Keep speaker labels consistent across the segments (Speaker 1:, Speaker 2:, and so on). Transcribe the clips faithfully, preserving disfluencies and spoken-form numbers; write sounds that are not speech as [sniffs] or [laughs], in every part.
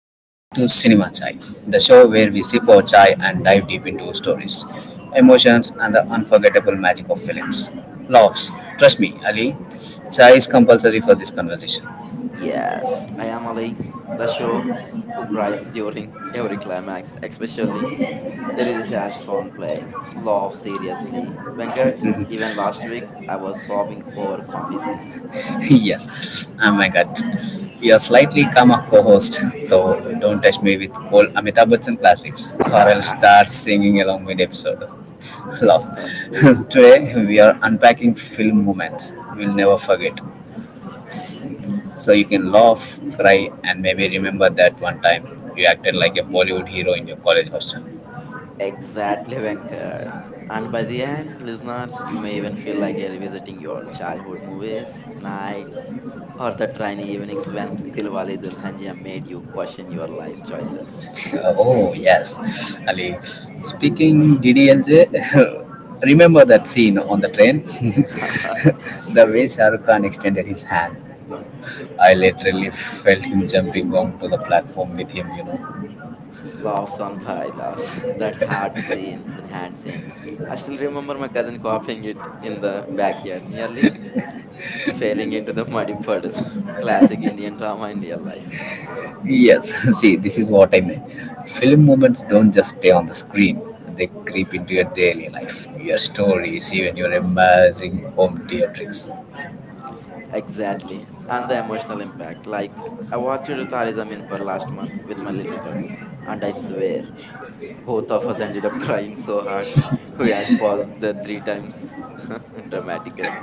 Speaker 1: You are listening to Cinema Chai, the show where we sip our chai and dive deep into stories, emotions, and the unforgettable magic of films. Laughs. Trust me, Ali, chai is compulsory for this conversation.
Speaker 2: Yes, I am Ali, the show who cries during every climax, especially there is a sad song playing. Love, seriously. Venkat, even last week I was sobbing over comedy scene.
Speaker 1: [laughs] Yes, oh my god. Your slightly calmer co host, though, don't touch me with old Amitabh Bachchan classics,
Speaker 2: [laughs]
Speaker 1: or I'll start singing along mid episode. [laughs] Laughs. [laughs] Today, we are unpacking film moments we'll never forget. So you can laugh, cry, and maybe remember that one time you acted like a Bollywood hero in your college hostel.
Speaker 2: Exactly, Venkat. And by the end, listeners, you may even feel like you're revisiting your childhood movies, nights, or the rainy evenings when Dilwale Dulhania made you question your life's choices.
Speaker 1: Uh, oh, yes. Ali, speaking D D L J, [laughs] remember that scene on the train? [laughs]
Speaker 2: [laughs]
Speaker 1: The way Shah Rukh Khan extended his hand. I literally felt him jumping onto the platform with him, you know.
Speaker 2: Laughs on by laughs. [laughs] That hard scene, that hand scene. I still remember my cousin copying it in the backyard, nearly failing into the muddy puddle. [laughs] Classic Indian drama in real life.
Speaker 1: Yes, [laughs] see, this is what I mean. Film moments don't just stay on the screen, they creep into your daily life, your stories, even your embarrassing home theatrics.
Speaker 2: Exactly. And the emotional impact. Like, I watched Tare Zameen Par last month with my little cousin. And I swear, both of us ended up [laughs] crying so hard. [laughs] We had paused the three times [laughs] dramatically.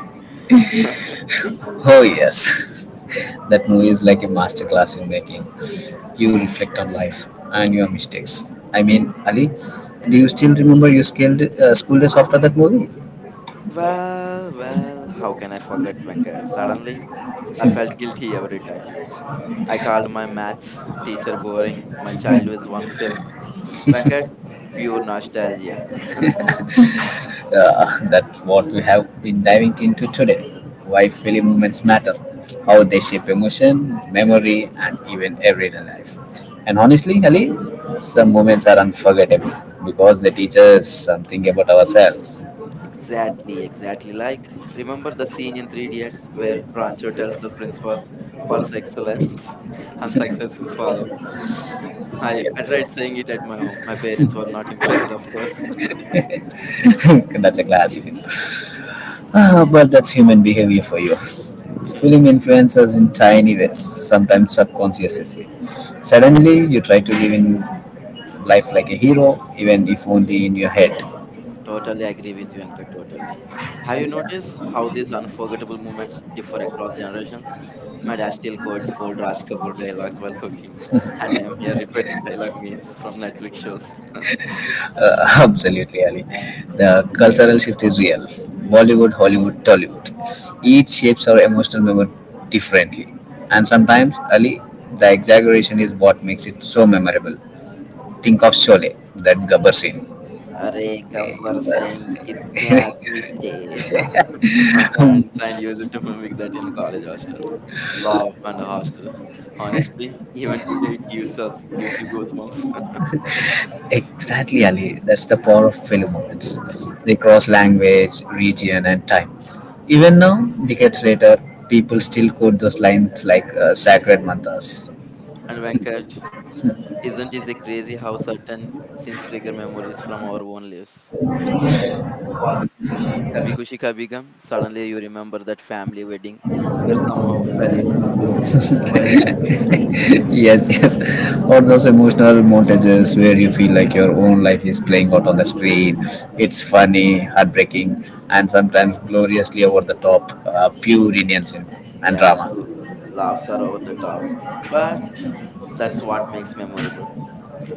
Speaker 1: Oh, yes, [laughs] that movie is like a masterclass in making you reflect on life and your mistakes. I mean, Ali, do you still remember your scaled uh, school days after that movie?
Speaker 2: Well, well, how can I forget, Venkat? Suddenly, I felt guilty every time. I called my maths teacher boring. My child was one film. Venkat, pure nostalgia.
Speaker 1: Uh, that's what we have been diving into today. Why film moments matter, how they shape emotion, memory, and even everyday life. And honestly, Ali, some moments are unforgettable because they teach us something about ourselves.
Speaker 2: Exactly, exactly. Like, remember the scene in Three Idiots where Rancho tells the principal, "Purse excellence [laughs] and success will follow." I, I tried saying it at my home. My parents were not [laughs] impressed, of course.
Speaker 1: [laughs] That's a classic. Ah, but that's human behavior for you.
Speaker 2: [laughs]
Speaker 1: Film influences in tiny ways, sometimes subconsciously. Suddenly, you try to live in life like a hero, even if only in your head.
Speaker 2: Totally agree with you, Anka. Totally. Have you noticed how these unforgettable moments differ across generations? My dad still quotes old Raj Kapoor dialogues while cooking, and I am here repeating dialogue memes from Netflix shows.
Speaker 1: Uh, [laughs] absolutely, Ali. The cultural shift is real. Bollywood, Hollywood, Tollywood. Each shapes our emotional memory differently. And sometimes, Ali, the exaggeration is what makes it so memorable. Think of Sholay, that Gabbar scene.
Speaker 2: Arey Gabbar
Speaker 1: Yes.
Speaker 2: Singh, kitne aadmi the? [laughs] My friends
Speaker 1: [laughs]
Speaker 2: and used to mimic that in college hostels. Love and hostel. Honestly, even today it gives us gives you goosebumps.
Speaker 1: Exactly, Ali. That's the power of film moments. They cross language, region, and time. Even now, decades later, people still quote those lines like uh, sacred mantras.
Speaker 2: [laughs] And Venkat, isn't it crazy how certain scenes trigger memories from our own lives? Kabhi kushi, Kabhi Gum, suddenly you remember that family wedding where somehow fell into pool while while dancing.
Speaker 1: Yes, yes. [laughs] Or those
Speaker 2: [laughs]
Speaker 1: emotional montages where you feel like your own life is playing out on the screen. It's funny, heartbreaking, and sometimes gloriously over the top, uh, pure Indian cinema and
Speaker 2: Yes, l-
Speaker 1: drama.
Speaker 2: laughs are over the top, but that's what makes memorable.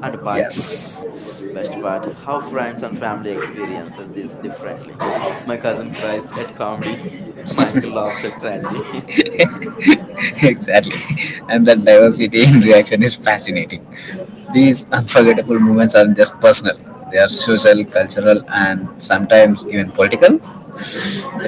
Speaker 2: And part,
Speaker 1: Yes,
Speaker 2: best part, how friends and family experiences this differently. My cousin cries at comedy, [laughs] my uncle laughs at tragedy.
Speaker 1: [laughs] exactly. And the
Speaker 2: [laughs]
Speaker 1: diversity in reaction is fascinating. These unforgettable moments aren't just personal, they are social, cultural, and sometimes even political.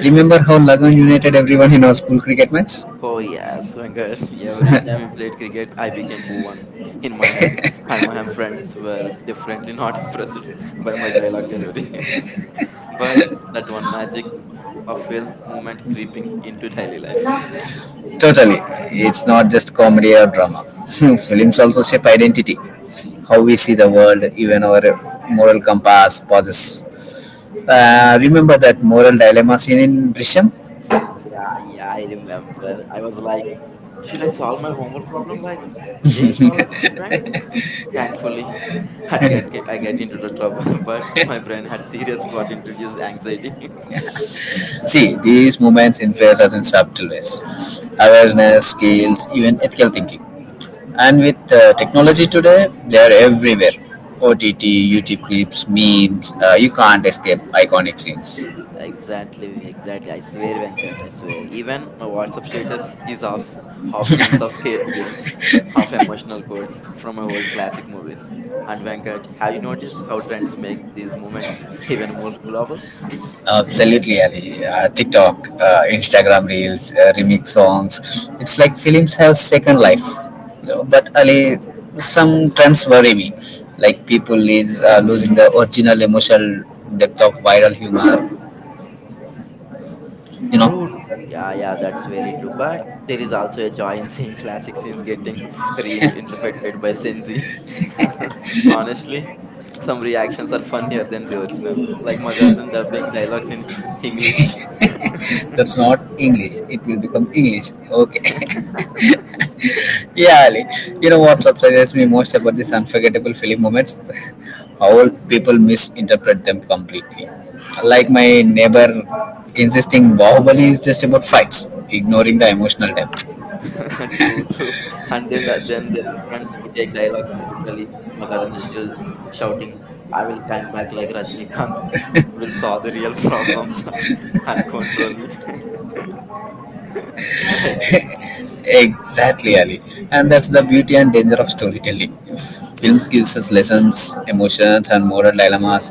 Speaker 1: Remember how Lagan united everyone in our school cricket match?
Speaker 2: Oh yes, Venkat. [laughs] Every time you played cricket, I became Bhuvan in my head, and my friends were definitely not [laughs] impressed by my dialogue delivery. [laughs] But that one magic of film moment creeping into daily life.
Speaker 1: Totally. It's not just comedy or drama. [laughs] Films also shape identity, how we see the world, even our moral compass, pauses. Uh, remember that moral dilemma scene in Brisham?
Speaker 2: [laughs] Yeah, yeah, I remember. I was like, should I solve my homework problem like Vijay solved the crime? Thankfully, [laughs] I'd get, get I get into the trouble, [laughs] but my brain had serious plot introduced anxiety.
Speaker 1: See, these moments influence us in subtle ways. Awareness, skills, even ethical thinking. And with uh, technology today, they are everywhere. O T T, YouTube clips, memes, uh, you can't escape iconic scenes.
Speaker 2: Exactly, exactly. I swear, Venkat, I swear. Even my WhatsApp status is half s- half scenes of scared games, half emotional quotes from my old classic movies. And Venkat, have you noticed how trends make these movements even more global?
Speaker 1: Absolutely, Ali. Uh, TikTok, uh, Instagram Reels, uh, remix songs. It's like films have second life. You know, but Ali, some trends worry me. Like people is uh, losing the original emotional depth of viral humor. You
Speaker 2: True.
Speaker 1: know,
Speaker 2: Yeah, yeah, that's very true. But there is also a joy in [laughs] seeing classic scenes getting reinterpreted by Gen Z. [laughs] Honestly, some reactions are funnier than the original. Like my cousin dubbing dialogues in English.
Speaker 1: that's not English. It will become English. Okay. [laughs] Yeah, Ali. You know what
Speaker 2: [laughs]
Speaker 1: surprises me most about these
Speaker 2: Mm.
Speaker 1: unforgettable film moments? [laughs] How
Speaker 2: Uh,
Speaker 1: people misinterpret them completely.
Speaker 2: yeah,
Speaker 1: Like my neighbor insisting Bahubali is just about fights, ignoring the emotional depth.
Speaker 2: [laughs] true, true. And then that, then there are friends who take dialogue, like literally. My cousin is still shouting, "I will come back like Rajinikanth. [laughs] Will solve the real problems [laughs] and control me." [laughs] Like
Speaker 1: Exactly, Ali. And that's the beauty and danger of storytelling. Films gives us lessons, emotions, and moral dilemmas,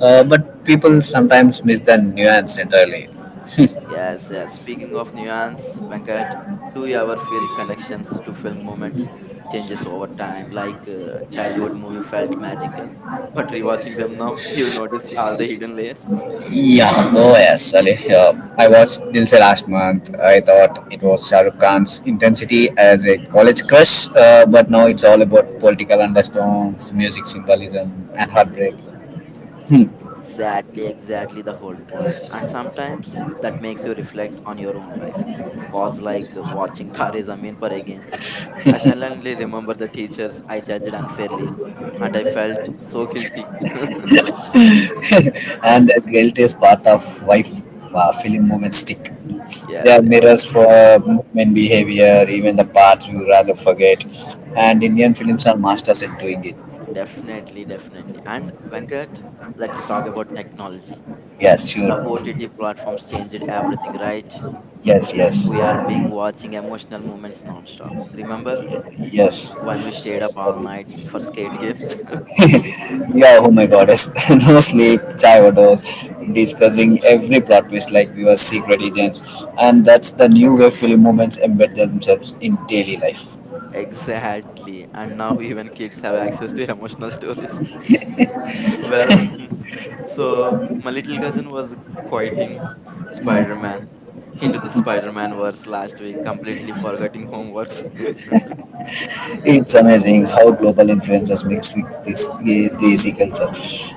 Speaker 1: uh, but people sometimes miss the nuance entirely. [laughs]
Speaker 2: yes, yes. Speaking of nuance, Venkat, do you ever feel connections to film moments changes over time? Like uh, childhood movie felt magical, [laughs] but rewatching them now, you will notice all the hidden layers.
Speaker 1: Yeah, oh yes, Ali. Uh, I watched Dil Se last month. I thought it was Shah Rukh Khan's intensity as a college crush, uh, but now it's all about political undertones, music symbolism, and heartbreak. Hmm.
Speaker 2: Exactly, exactly the whole point. And sometimes that makes you reflect on your own life. Pause like uh, watching [laughs] Tare Zameen Par again. I suddenly remember the teachers I judged unfairly, and I felt so guilty. [laughs]
Speaker 1: [laughs]
Speaker 2: Uh,
Speaker 1: And that guilt is part of why uh, film moments stick. They are
Speaker 2: yes, yes,
Speaker 1: mirrors for movement behavior, even the parts you rather forget. And Indian films are masters at doing it.
Speaker 2: definitely, definitely. And Venkat, let's talk about technology.
Speaker 1: Yes,
Speaker 2: The
Speaker 1: sure.
Speaker 2: O T T platforms changed everything, right?
Speaker 1: Yes, yes,
Speaker 2: We are being watching emotional moments non-stop. Remember
Speaker 1: yes.
Speaker 2: when we stayed up all
Speaker 1: Sorry.
Speaker 2: night for skate games? [laughs]
Speaker 1: Yeah, oh my god, yes. [laughs] No sleep, Chivados, discussing every plot twist like we were secret agents, and that's the new way film movements embed themselves in daily life.
Speaker 2: Exactly. And now even kids have access to emotional stories. [laughs] Well, mm, so my little cousin was quoting Spider Man into the Spider Man verse last week, completely forgetting homeworks. [laughs]
Speaker 1: It's
Speaker 2: Mm.
Speaker 1: amazing how global influencers mix with this Desi culture.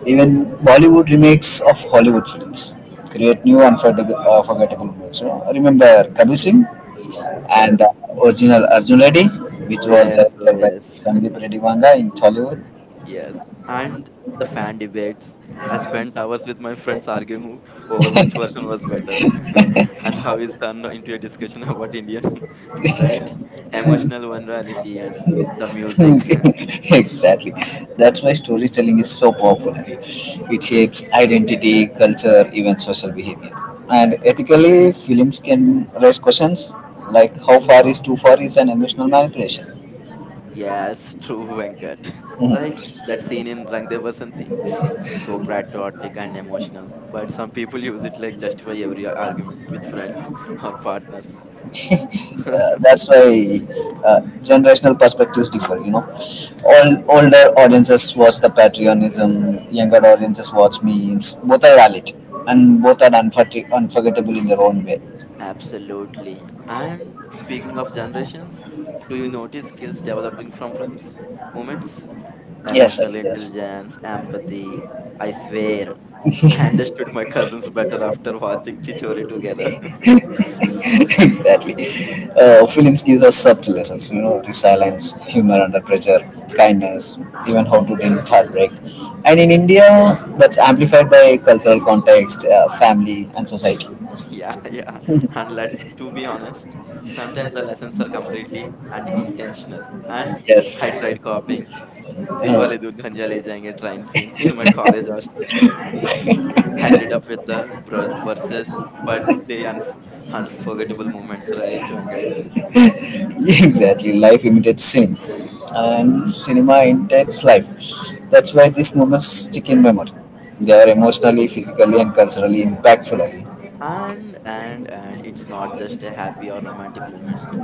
Speaker 1: Even Bollywood remakes of Hollywood films create new unforgettable, unforgettable moments. You know? Remember Kabir Singh
Speaker 2: Yes,
Speaker 1: and
Speaker 2: yes.
Speaker 1: the original Arjun Reddy, which
Speaker 2: Oh,
Speaker 1: was
Speaker 2: yes,
Speaker 1: the
Speaker 2: oh, yes.
Speaker 1: Sandeep Reddy Vanga in Tollywood.
Speaker 2: Yes, and the fan debates. I spent hours with my friends arguing over which version was better [laughs] and how it's turned into a discussion about Indian, [laughs] right? Emotional vulnerability and the music. [laughs]
Speaker 1: [laughs] Exactly. That's why storytelling is so powerful. It shapes identity, culture, even social behavior. And ethically, films can raise questions like how far is too far is an emotional manipulation.
Speaker 2: Yes, true, Venkat. Like that scene in Rang De Basanti, so patriotic and emotional, but some people use it like justify every argument with friends or partners.
Speaker 1: Uh,
Speaker 2: [laughs]
Speaker 1: that's why uh, generational perspectives differ. You know, all, older audiences watch the patriotism, younger audiences watch memes. Both are valid, and both are unfor- unforgettable in their own way.
Speaker 2: Absolutely. And speaking of generations, do you notice skills developing from films? Moments?
Speaker 1: Yes,
Speaker 2: Emotional
Speaker 1: Ali. Yes.
Speaker 2: intelligence, empathy. I swear, I understood my cousins better after watching Chichore together.
Speaker 1: [laughs] Exactly. Uh, films gives us subtle lessons, you know, resilience, humor under pressure, kindness, even how to deal with heartbreak. And in India, that's amplified by cultural context, uh, family, and society.
Speaker 2: [laughs] Yeah, yeah. And let's to be honest, sometimes the lessons are completely and intentional. And I
Speaker 1: Yes,
Speaker 2: tried copying
Speaker 1: uh,
Speaker 2: Dilwale Dulhania Le Jayenge train scene in my college hostel. Ended up with the vers- verses, but they unf- unforgettable moments, right, Venkat?
Speaker 1: [laughs] exactly. Life imitates cinema, and cinema imitates life. That's why these moments stick in memory. They are emotionally, physically, and culturally impactful. I think.
Speaker 2: And and and it's not just a happy or romantic moments.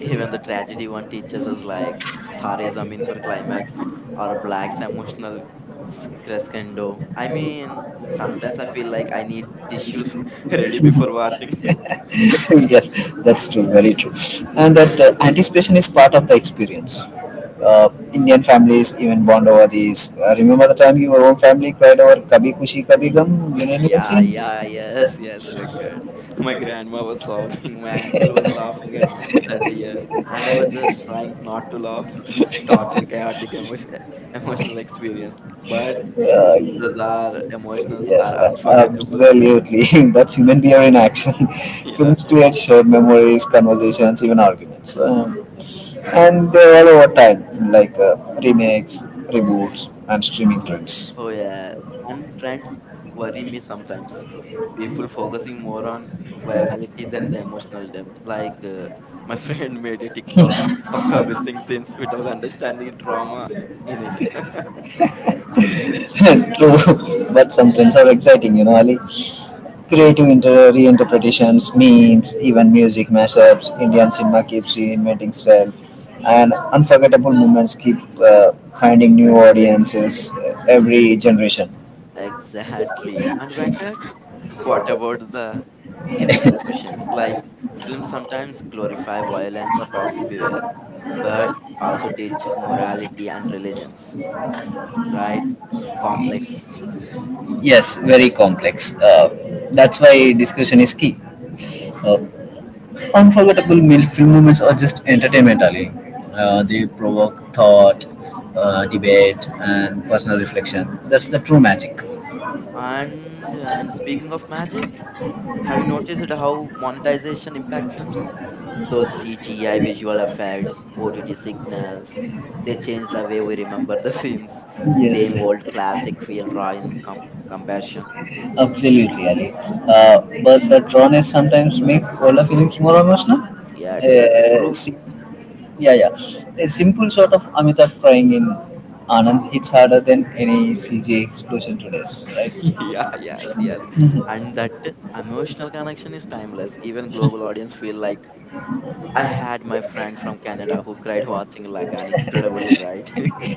Speaker 2: Even the tragedy one teaches us like Thare Zamin for climax or Black's emotional s- crescendo. I mean, sometimes I feel like I need tissues [laughs] ready before watching.
Speaker 1: [laughs] Yes, that's true,
Speaker 2: [laughs]
Speaker 1: very true. And that uh, anticipation is part of the experience. Uh, Indian families even bond over these. Uh, remember the time your own family cried over Kabhi Kushi Kabhi Gum Union
Speaker 2: Yeah,
Speaker 1: scene?
Speaker 2: yeah, yes, yes, Venkat. My grandma was sobbing, [laughs] my uncle was laughing at her tears, and I was just trying not to laugh. Total chaotic emotion, [laughs] emotional experience, but those are emotions
Speaker 1: Yes,
Speaker 2: are
Speaker 1: uh,
Speaker 2: unforgettable.
Speaker 1: absolutely. [laughs] That's human behavior in action. [laughs]
Speaker 2: [laughs] Yeah,
Speaker 1: Films
Speaker 2: yeah.
Speaker 1: create shared memories, conversations, even arguments. Um, and they're all over time, like uh, remakes, reboots, and streaming trends.
Speaker 2: Oh yeah, and trends worry me sometimes. People focusing more on virality than the emotional depth. Like uh, my friend [laughs] made a TikTok of Kabir Singh scenes without understanding drama in it. [laughs]
Speaker 1: [laughs] True, [laughs] but some trends are exciting, you know, Ali. Creative inter- reinterpretations, memes, even music mashups. Indian cinema keeps reinventing itself, and unforgettable moments keep uh, finding new audiences uh, every generation.
Speaker 2: Exactly. And Venkat, what about the ethical questions? Like films sometimes glorify violence or toxic behavior, but also teach morality and religions, right? Complex.
Speaker 1: Yes, very complex. Uh, that's why discussion is key. Uh, Unforgettable mil- film moments are just entertainment, Ali. Uh,
Speaker 2: Yes.
Speaker 1: they provoke thought, uh, debate, and personal reflection. That's the true magic.
Speaker 2: And and speaking of magic, have you noticed how monetization impact films? Those C G I visual effects, O T T signals, they change the way we remember the [laughs] scenes.
Speaker 1: Yes,
Speaker 2: Same old classic feel raw in com- comparison.
Speaker 1: absolutely, Ali. Uh, but the drawness sometimes make older films more emotional.
Speaker 2: Yes, that's
Speaker 1: Uh,
Speaker 2: true.
Speaker 1: sim- yeah, yeah. A simple shot of Amitabh crying in Anand hits harder than any C G I explosion today,
Speaker 2: [laughs] Yeah,
Speaker 1: right?
Speaker 2: yes, yes. And that emotional connection is timeless. Even global audience feel like I had my friend from Canada who cried watching Lagan. Incredibly right.
Speaker 1: [laughs]
Speaker 2: [laughs]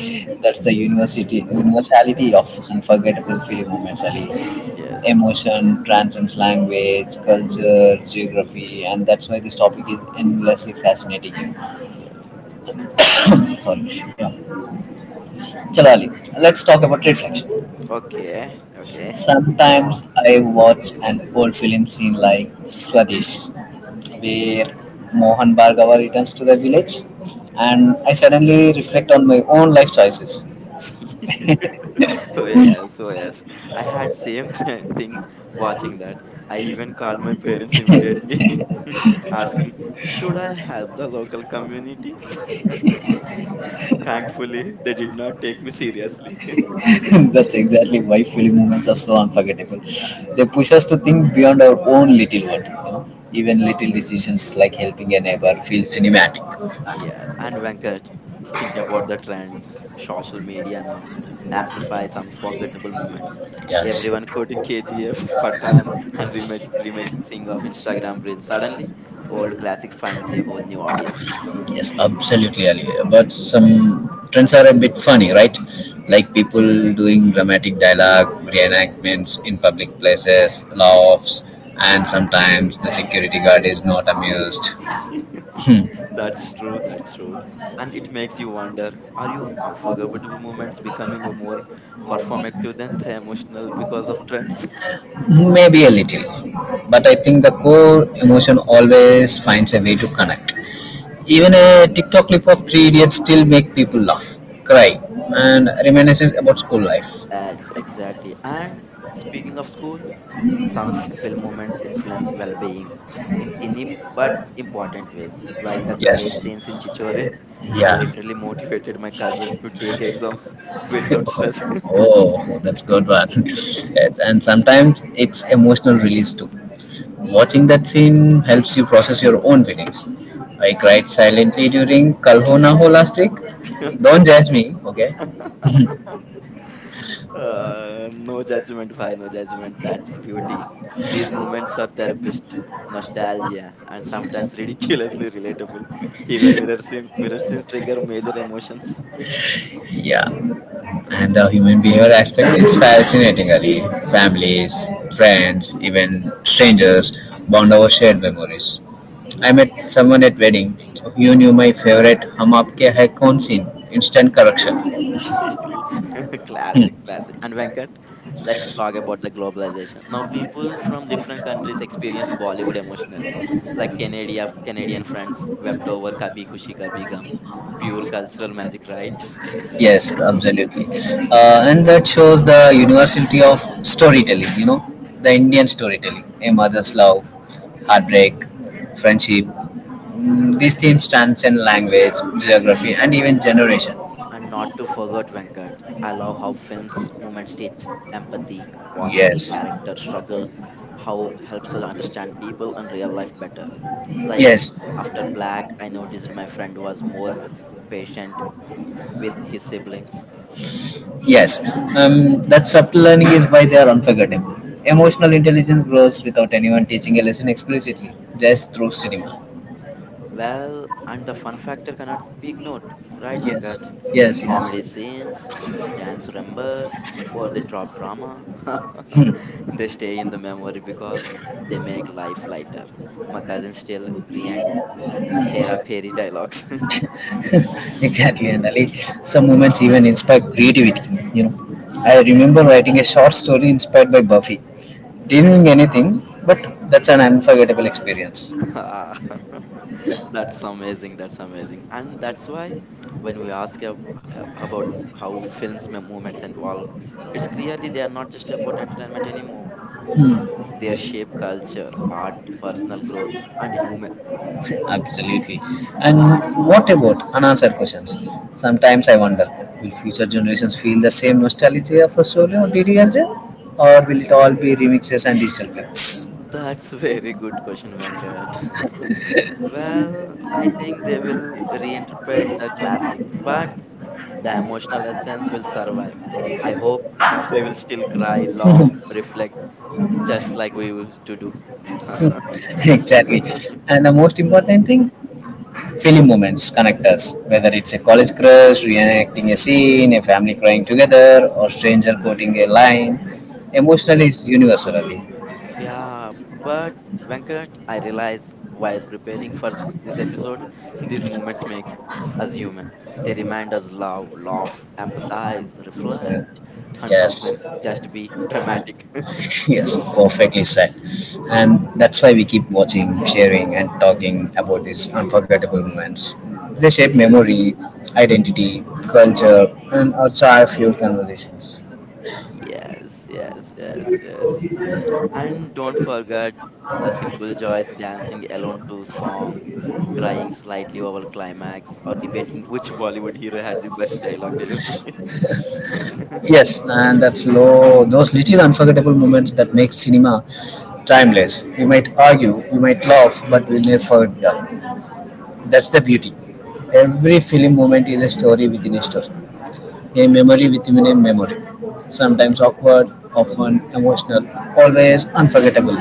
Speaker 2: Mm.
Speaker 1: That's the university universality of unforgettable film moments, Ali.
Speaker 2: Yes,
Speaker 1: Emotion transcends language, culture, geography, and that's why this topic is endlessly fascinating.
Speaker 2: yes.
Speaker 1: [coughs] Sorry. Yeah. Chalali, let's talk about reflection.
Speaker 2: Okay, okay. Go
Speaker 1: Sometimes
Speaker 2: on.
Speaker 1: I watch an old film scene like Swadesh, where Mohan Bhargava returns to the village, and I suddenly reflect on my own life choices.
Speaker 2: [laughs]
Speaker 1: [laughs]
Speaker 2: Oh yeah, yes, oh yes. I had same [laughs] thi- thing watching that. I even called my parents immediately, [laughs] asking, "Should I help the local community?" [laughs] Thankfully, they did not take me seriously.
Speaker 1: That's exactly why film moments are so unforgettable. They push us to think beyond our own little world. You know? Even little decisions like helping a neighbor feel cinematic.
Speaker 2: Yeah, and Venkat, think about the trends. Social media now amplifies unforgettable moments.
Speaker 1: Yeah,
Speaker 2: Everyone quoting K G F, [laughs] Patan, and remake, remaking of Instagram Reels. Suddenly, old classic finds a whole new audience.
Speaker 1: yes, absolutely, Ali. But some trends are a bit funny, right? Like people doing dramatic dialogue, reenactments in public places, laughs, and sometimes the security guard is not amused.
Speaker 2: [laughs]
Speaker 1: Hmm.
Speaker 2: That's true, that's true. And it makes you wonder, are you unforgettable moments becoming a more performative than the emotional because of trends?
Speaker 1: Maybe a little. But I think the core emotion always finds a way to connect. Even a TikTok clip of three idiots still make people laugh, cry, and reminisce about school life.
Speaker 2: [laughs] That's exactly. And speaking of school, some film moments influence well being in tiny but important ways, like the courage
Speaker 1: Yes.
Speaker 2: scenes in Chichore. [laughs] I
Speaker 1: Yeah.
Speaker 2: literally motivated my cousin to take exams [laughs] without stress.
Speaker 1: Oh, oh, that's good one. [laughs] Yes, and sometimes it's emotional release too. Watching that scene helps you process your own feelings. I cried silently during Kalhona Ho last week.
Speaker 2: [laughs]
Speaker 1: Don't judge me, okay?
Speaker 2: uh, no judgment, why no judgment? That's beauty. These moments are therapist, nostalgia, and sometimes ridiculously relatable. Even mirror scene, mirror scenes trigger major emotions.
Speaker 1: Yeah. And the human behavior aspect is fascinating, Ali. Families, friends, even strangers bond over shared memories. I met someone at wedding. You knew my favorite hum aapke hai kaun scene. Instant correction.
Speaker 2: [laughs] Classic,
Speaker 1: [laughs]
Speaker 2: classic. And Venkat, let's talk about the globalization. Now, people from different countries experience Bollywood emotionally, like Canadian Canadian friends wept over Kabhi Kushi Kabhi Gum, pure cultural magic, right?
Speaker 1: Yes, absolutely. Uh, and that shows the universality of storytelling, you know, the Indian storytelling, a mother's love,
Speaker 2: [laughs]
Speaker 1: heartbreak, friendship. Mm, these themes transcend language, geography, and even generation.
Speaker 2: And not to forget Venkat, I love how films moments teach empathy, watching a
Speaker 1: Yes,
Speaker 2: character struggle, how helps us understand people and real life better. Like
Speaker 1: yes,
Speaker 2: after Black, I noticed my friend was more patient with his siblings.
Speaker 1: yes. Um, that subtle learning is why they are unforgettable. Emotional intelligence grows without anyone teaching a lesson explicitly, just through cinema.
Speaker 2: Well, and the fun factor cannot be ignored, right,
Speaker 1: Yes,
Speaker 2: Venkat?
Speaker 1: yes, yes.
Speaker 2: Comedy scenes, dance numbers, or the drop drama. [laughs] They stay in the memory because they make life lighter. My cousins still rant Hera Peri dialogues.
Speaker 1: [laughs] Exactly, and Ali,
Speaker 2: [laughs]
Speaker 1: some moments even inspire creativity, you know I remember
Speaker 2: [laughs]
Speaker 1: writing a short story inspired by Buffy. Didn't win anything, but that's an unforgettable experience.
Speaker 2: Ah, [laughs] that's amazing. That's amazing. And that's why when we ask ab- ab- about how films, mem- movements, and all, it's clearly they are not just about entertainment anymore.
Speaker 1: Hmm.
Speaker 2: They shape culture, art, personal growth, and humor.
Speaker 1: Absolutely. And what about unanswered questions? Sometimes I wonder, will future generations feel the same nostalgia for Solo or DDLJ, or will it all be remixes and digital films?
Speaker 2: That's [laughs] very good question, Venkat. [laughs] Well, I think they will reinterpret the classics, but the emotional essence will survive. I hope they will still cry, laugh, reflect, just like we used to do.
Speaker 1: [laughs] Exactly,
Speaker 2: [laughs]
Speaker 1: and the most important thing. Film moments connect us, whether it's a college crush reenacting a scene, a family crying together, or stranger quoting a line.
Speaker 2: Yeah,
Speaker 1: Emotionally, it's universally.
Speaker 2: yeah. But Venkat, I realize while preparing for this episode, [laughs] these moments make us human. They remind us love, laugh, empathize, reflect,
Speaker 1: Uh,
Speaker 2: and
Speaker 1: Yes,
Speaker 2: sometimes just be dramatic.
Speaker 1: [laughs] yes, perfectly said. And that's why we keep watching, sharing, and talking about these unforgettable moments. They shape memory, identity, culture, and our chai fuel conversations.
Speaker 2: Yes, yes, yes, yes. And don't forget the simple joys dancing alone to song, crying slightly over climax, or debating which Bollywood hero had the best dialogue delivery. [laughs]
Speaker 1: Yes, and that's low. Those little unforgettable moments that make cinema timeless. We might argue, we might laugh, but we'll never forget them. That's the beauty. Every film moment is a story within a story, a memory within a memory.
Speaker 2: Yeah.
Speaker 1: Sometimes awkward, often emotional, always unforgettable.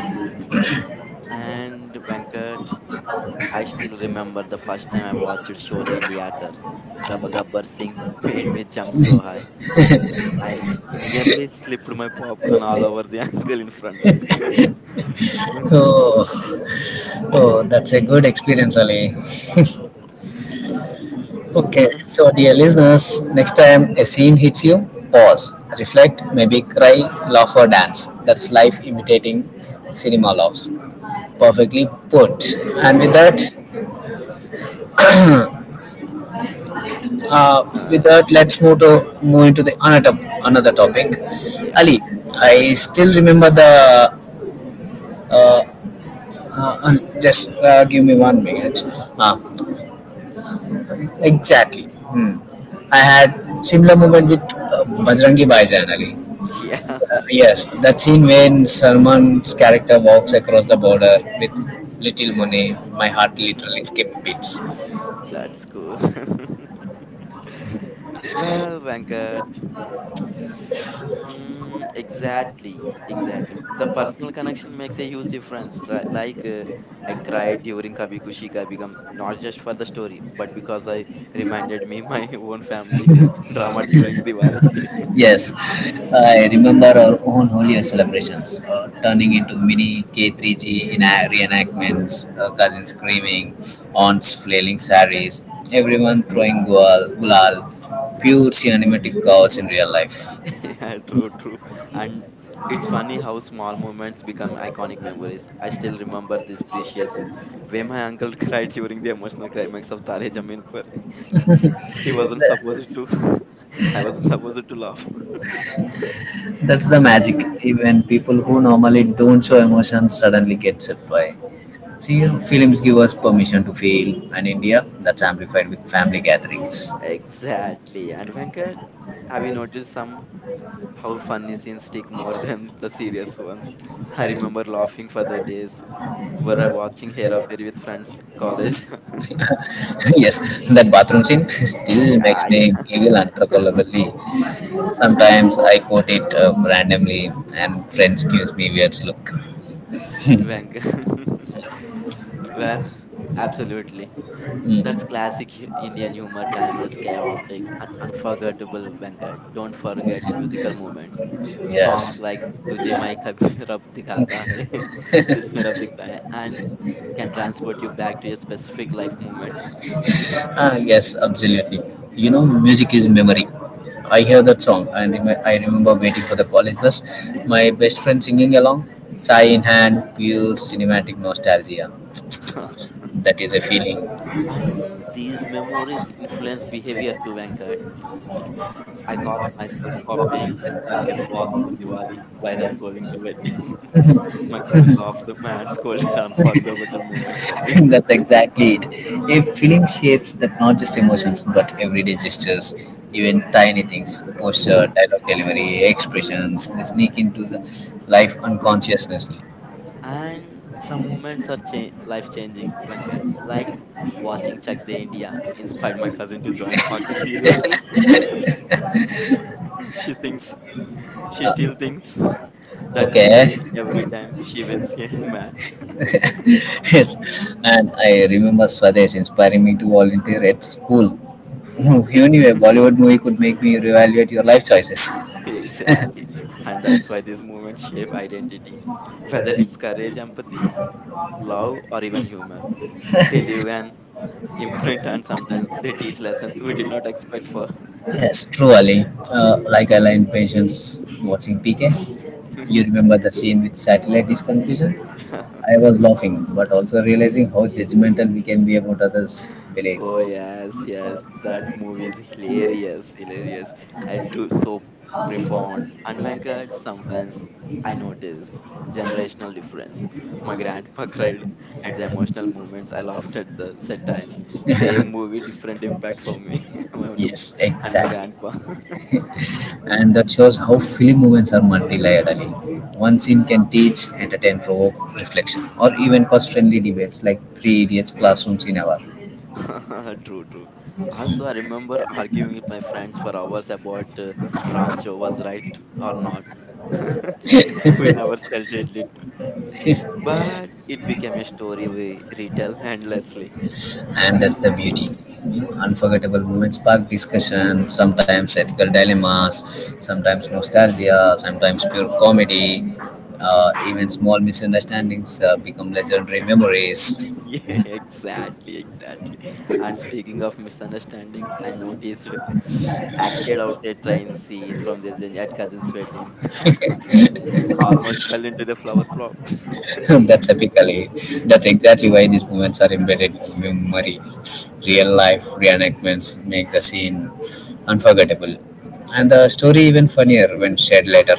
Speaker 2: And Venkat, I still remember the first time I watched Sholay in theater. The Gabbar Singh [laughs] made me jump so high. I l- nearly slipped my popcorn all over the [laughs] uncle in front. [laughs]
Speaker 1: Oh, oh that's a good experience, Ali.
Speaker 2: Hmm. [sighs]
Speaker 1: Okay, so
Speaker 2: [laughs]
Speaker 1: dear listeners, next time a scene hits you, pause, reflect, maybe cry, laugh, or dance. That's life imitating cinema laughs. Perfectly put. And with that, uh, with
Speaker 2: Uh,
Speaker 1: that, let's move to move into the another another topic.
Speaker 2: yeah,
Speaker 1: Ali, I still remember the. Uh, uh, un- just uh, give me one minute. Uh, exactly, I had similar moment with uh, Bajrangi Bhaijaan Ali.
Speaker 2: [laughs] yeah.
Speaker 1: Yes, that scene when Salman's character walks across the border with little money, my heart literally
Speaker 2: [laughs]
Speaker 1: skipped beats.
Speaker 2: That's cool. [laughs] Well, Venkat, [sighs] mm, exactly, exactly. The personal connection makes a huge difference. Right? Like, uh, I cried during Kabhi Kushi Kabhi Gum, not just for the story, but because I reminded me my [laughs] own family drama during Diwali.
Speaker 1: Yes,
Speaker 2: [laughs]
Speaker 1: I remember our own Holy Year celebrations uh, turning into mini K three G in reenactments, uh, cousins screaming, aunts flailing saris, everyone throwing gual, gulal, pure cinematic chaos in real life.
Speaker 2: [laughs] Yeah, true, true. And it's funny how small moments become iconic memories. I still remember this precious way my uncle [laughs] cried during the emotional climax of Tare Zameen Par. He wasn't supposed to. [laughs] I wasn't supposed to laugh.
Speaker 1: That's the magic.
Speaker 2: [laughs]
Speaker 1: Even people who normally don't show emotions suddenly get set by. See, you know, films give us permission to feel, and India, that's amplified with family gatherings.
Speaker 2: Exactly. And Venkat, have you noticed some how funny scenes stick more [laughs] than the serious ones? I remember laughing for the days where I watching Hera Peri with friends college. [laughs]
Speaker 1: [laughs] Yes, that bathroom scene [laughs] still makes
Speaker 2: Yeah, yeah,
Speaker 1: me
Speaker 2: [laughs]
Speaker 1: giggle
Speaker 2: yeah.
Speaker 1: uncontrollably. Sometimes I quote it uh, randomly, and friends gives me weird look.
Speaker 2: Venk. [laughs] Well, absolutely. That's
Speaker 1: Mm.
Speaker 2: classic hu- Indian humor time. That's chaotic and unforgettable, Venkat. Don't forget musical moments. Songs
Speaker 1: Yes.
Speaker 2: like Tujhe Mai Kabhi [laughs] Rab Dikhata Hai, [laughs] Tujhe Mein Rab Dikhta Hai, and can transport you back to a specific life moment.
Speaker 1: Ah, yes, absolutely. You know, music is memory. I hear that song and rem- I remember waiting for the college bus, my best friend singing along, chai in hand, pure cinematic nostalgia.
Speaker 2: [laughs]
Speaker 1: That is a feeling.
Speaker 2: And these memories influence behavior too, Venkat. I caught myself copying S R K's walk from Diwali while I'm going to bed. My cousin laughed. [laughs] My aunt scolded. [laughs] Unforgettable moment for me.
Speaker 1: [laughs] That's exactly it. A film shapes that not just emotions but everyday gestures, even tiny things, posture, dialogue delivery, expressions, they sneak into the life unconsciously.
Speaker 2: And some moments are cha- life changing, Venkat. Like watching Check the India inspired my cousin to join hockey seriously. [laughs] She thinks, she
Speaker 1: Uh,
Speaker 2: still thinks that
Speaker 1: okay,
Speaker 2: movie every time she wins a match. [laughs]
Speaker 1: [laughs] yes,
Speaker 2: Mm.
Speaker 1: and I remember Swadesh inspiring me to volunteer at school. [laughs] Who knew a
Speaker 2: [laughs]
Speaker 1: Bollywood movie could make me reevaluate your life choices?
Speaker 2: Exactly. And that's why these moments shape identity, whether it's courage, empathy, love, or even humor. They leave an imprint and sometimes they teach lessons we did not expect for.
Speaker 1: Yes, true, Ali. Uh, like I learned patience watching P K. You remember
Speaker 2: [laughs]
Speaker 1: the scene with satellite dish confusion? I was laughing, but also realizing how judgmental we can be about others'
Speaker 2: Oh
Speaker 1: beliefs.
Speaker 2: yes, yes, that movie is hilarious, hilarious, and too so profound. And Venkat, sometimes I notice generational difference. My grandpa [laughs] cried at the emotional moments. I laughed at the satire. Same movie, different impact for me. [laughs]
Speaker 1: Yes,
Speaker 2: And my
Speaker 1: exactly.
Speaker 2: grandpa. [laughs]
Speaker 1: And that shows how film movements are multi-layered. Ali. One scene can teach, entertain, provoke reflection, or even cause-friendly debates like Three Idiots classrooms in hour.
Speaker 2: [laughs] True, true. Also, I remember arguing with my friends for hours about uh, Rancho was right or not. [laughs] We never settled it, but it became a story we retell endlessly.
Speaker 1: And that's the beauty. You know, unforgettable moments spark discussion, sometimes ethical dilemmas, sometimes nostalgia, sometimes pure comedy. Uh, even small misunderstandings uh, become legendary memories.
Speaker 2: [laughs] Yeah, exactly, exactly. And speaking of misunderstanding, I noticed [sighs] [sniffs] acted out a train scene from the at cousin's wedding. [laughs] Almost fell into the flower plot.
Speaker 1: [laughs] That's typically that's exactly why these moments are embedded in memory. Real life reenactments make the scene unforgettable, and the story even funnier when shared later.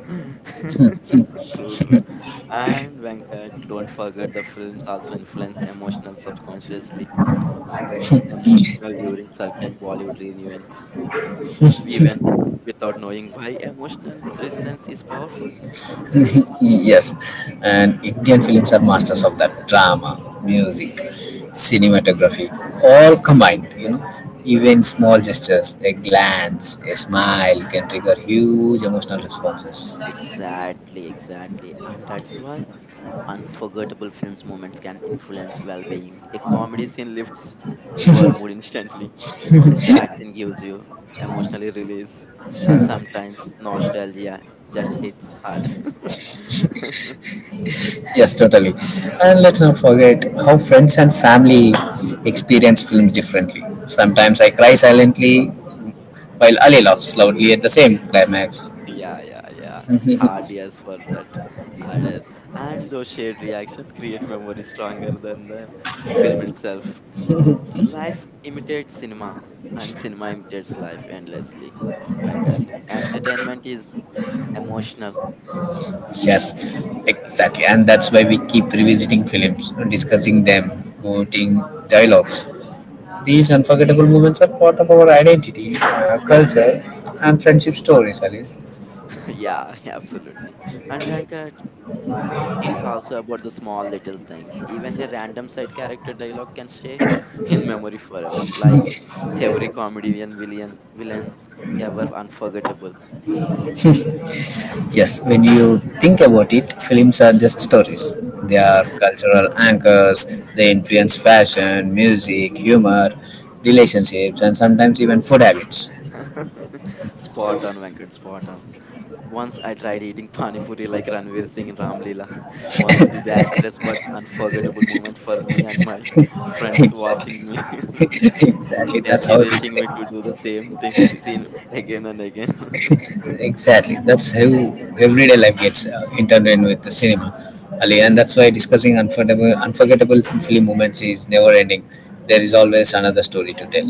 Speaker 2: [laughs] True, true. And Venkat, don't forget the films also influence emotional subconsciously, emotional during certain Bollywood reunions, even without knowing why emotional resonance is powerful.
Speaker 1: [laughs] Yes, and Indian films are masters of that drama, music, cinematography, all combined. You know, even small gestures, a glance, a smile can trigger huge emotional responses.
Speaker 2: Exactly, exactly. And that's why unforgettable films moments can influence well-being. A comedy scene lifts your mood instantly. A sad scene gives you emotionally release, and sometimes nostalgia just hits hard. [laughs]
Speaker 1: Yes, totally. And let's not forget how friends and family experience films differently. Sometimes I cry silently while Ali laughs loudly at the same climax.
Speaker 2: Yeah, yeah, yeah. Hard yes for that. Hard yes. And those shared reactions create memories stronger than the film itself. Life imitates cinema, and cinema imitates life endlessly. Venkat, entertainment is emotional.
Speaker 1: Yes, exactly. And that's why we keep revisiting films, discussing them, quoting dialogues. These unforgettable moments are part of our identity, uh, culture, and friendship stories, Ali.
Speaker 2: [laughs] Yeah, yeah, absolutely. And Venkat, it's also about the small little things. Even a random side character dialogue can stay in memory forever. Like every comedian villain, villain ever unforgettable.
Speaker 1: Yes, when you think about it, films are just stories. They are
Speaker 2: [laughs]
Speaker 1: cultural anchors, they influence fashion, music, humor, relationships, and sometimes even food habits.
Speaker 2: Spot on, Venkat, spot on. Once I tried eating Pani Puri like Ranveer Singh in Ramlila. [laughs] Once disastrous but unforgettable moment for me and my
Speaker 1: [laughs]
Speaker 2: friends watching
Speaker 1: Exactly.
Speaker 2: me. [laughs]
Speaker 1: [laughs] exactly.
Speaker 2: They're
Speaker 1: That's how
Speaker 2: cherishing
Speaker 1: everyday.
Speaker 2: me to do the same thing s- scene again and again.
Speaker 1: Exactly. That's how everyday life gets uh, intertwined with the cinema. Ali, and that's why discussing unforgettable, unforgettable film moments is never ending. There is always another story to tell.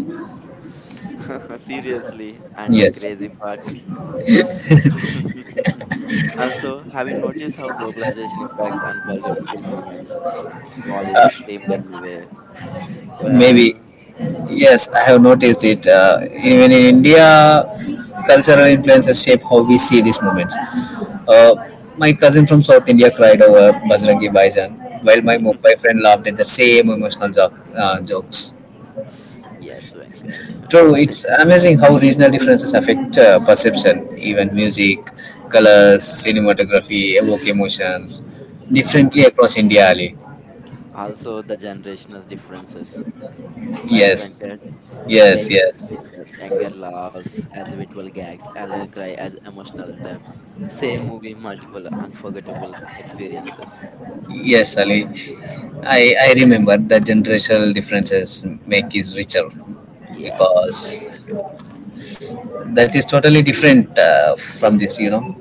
Speaker 2: [laughs] Seriously, and the
Speaker 1: Yes.
Speaker 2: crazy part. [laughs] Also, have you noticed how globalization impacts unforgettable moments?
Speaker 1: Uh,
Speaker 2: Bollywood streamed everywhere.
Speaker 1: maybe.
Speaker 2: Well.
Speaker 1: Yes, I have noticed it. Uh, even in India, cultural influences shape how we see these moments. Uh, my cousin from South India cried over Bajrangi Bhaijaan," while my Mumbai
Speaker 2: [laughs]
Speaker 1: friend laughed at the same emotional jo- uh, jokes.
Speaker 2: Yes, Venkat.
Speaker 1: True, it's amazing how regional differences affect uh, perception, even music, colors, cinematography, evoke emotions differently
Speaker 2: [laughs]
Speaker 1: across India, Ali.
Speaker 2: Also, the generational differences, right,
Speaker 1: Yes,
Speaker 2: Venkat,
Speaker 1: yes,
Speaker 2: makes
Speaker 1: yes,
Speaker 2: it richer. Younger laughs as habitual gags, elder cry as emotional depth. Same movie, multiple unforgettable experiences.
Speaker 1: yes, Ali. I, I remember that generational differences make is richer
Speaker 2: Yes,
Speaker 1: because
Speaker 2: yes, Venkat.
Speaker 1: that is
Speaker 2: S-
Speaker 1: totally different uh, from this, you know.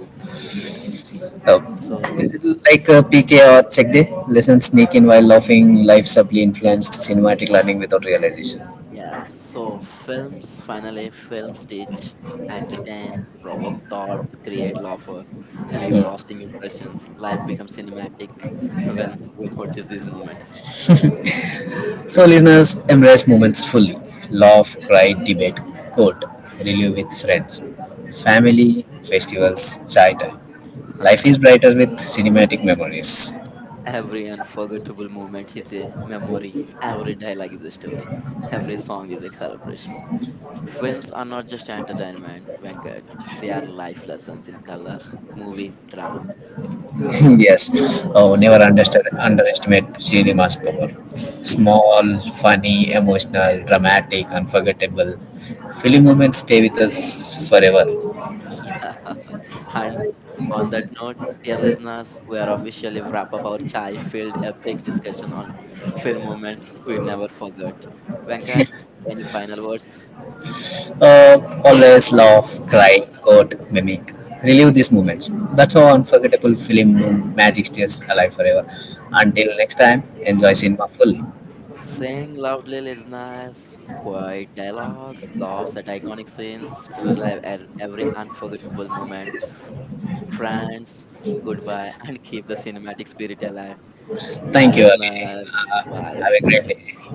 Speaker 2: Yes.
Speaker 1: Uh,
Speaker 2: So
Speaker 1: like uh, P K or check day, lessons sneak in while laughing, life subtly influenced cinematic learning without realization.
Speaker 2: Yes, so films finally films teach, entertain, provoke thoughts, create laughter, [laughs] leave
Speaker 1: Hmm.
Speaker 2: lasting impressions. Life becomes cinematic when we notice these moments.
Speaker 1: So, listeners, embrace moments fully. Laugh, cry, debate, quote, relive with friends, family, festivals, chai time. Life is
Speaker 2: [laughs]
Speaker 1: brighter with cinematic memories.
Speaker 2: Every unforgettable moment is a memory, every dialogue is a story, every song is a celebration. Films are not just entertainment, Venkat, they are life lessons in color, [laughs] movie, drama.
Speaker 1: [laughs]
Speaker 2: [laughs]
Speaker 1: Yes. Oh, never understood, underestimate cinema's power. Small, funny, emotional, dramatic, unforgettable. Film moments stay with us forever.
Speaker 2: [laughs] And on that note, dear listeners, we are officially wrap up our chai-filled epic discussion on film moments we never forgot. Venkat, any final words?
Speaker 1: Uh, always laugh, cry, quote, mimic. Relive these moments. That's how unforgettable film magic stays alive forever. Until next time, enjoy cinema fully.
Speaker 2: Sing loudly, listeners. Quiet dialogues, laughs at iconic scenes, relive at every unforgettable moment. Friends, goodbye, and keep the cinematic spirit alive. Bye,
Speaker 1: Thank you, Ali.
Speaker 2: listeners.
Speaker 1: Uh, have
Speaker 2: Bye.
Speaker 1: a great day.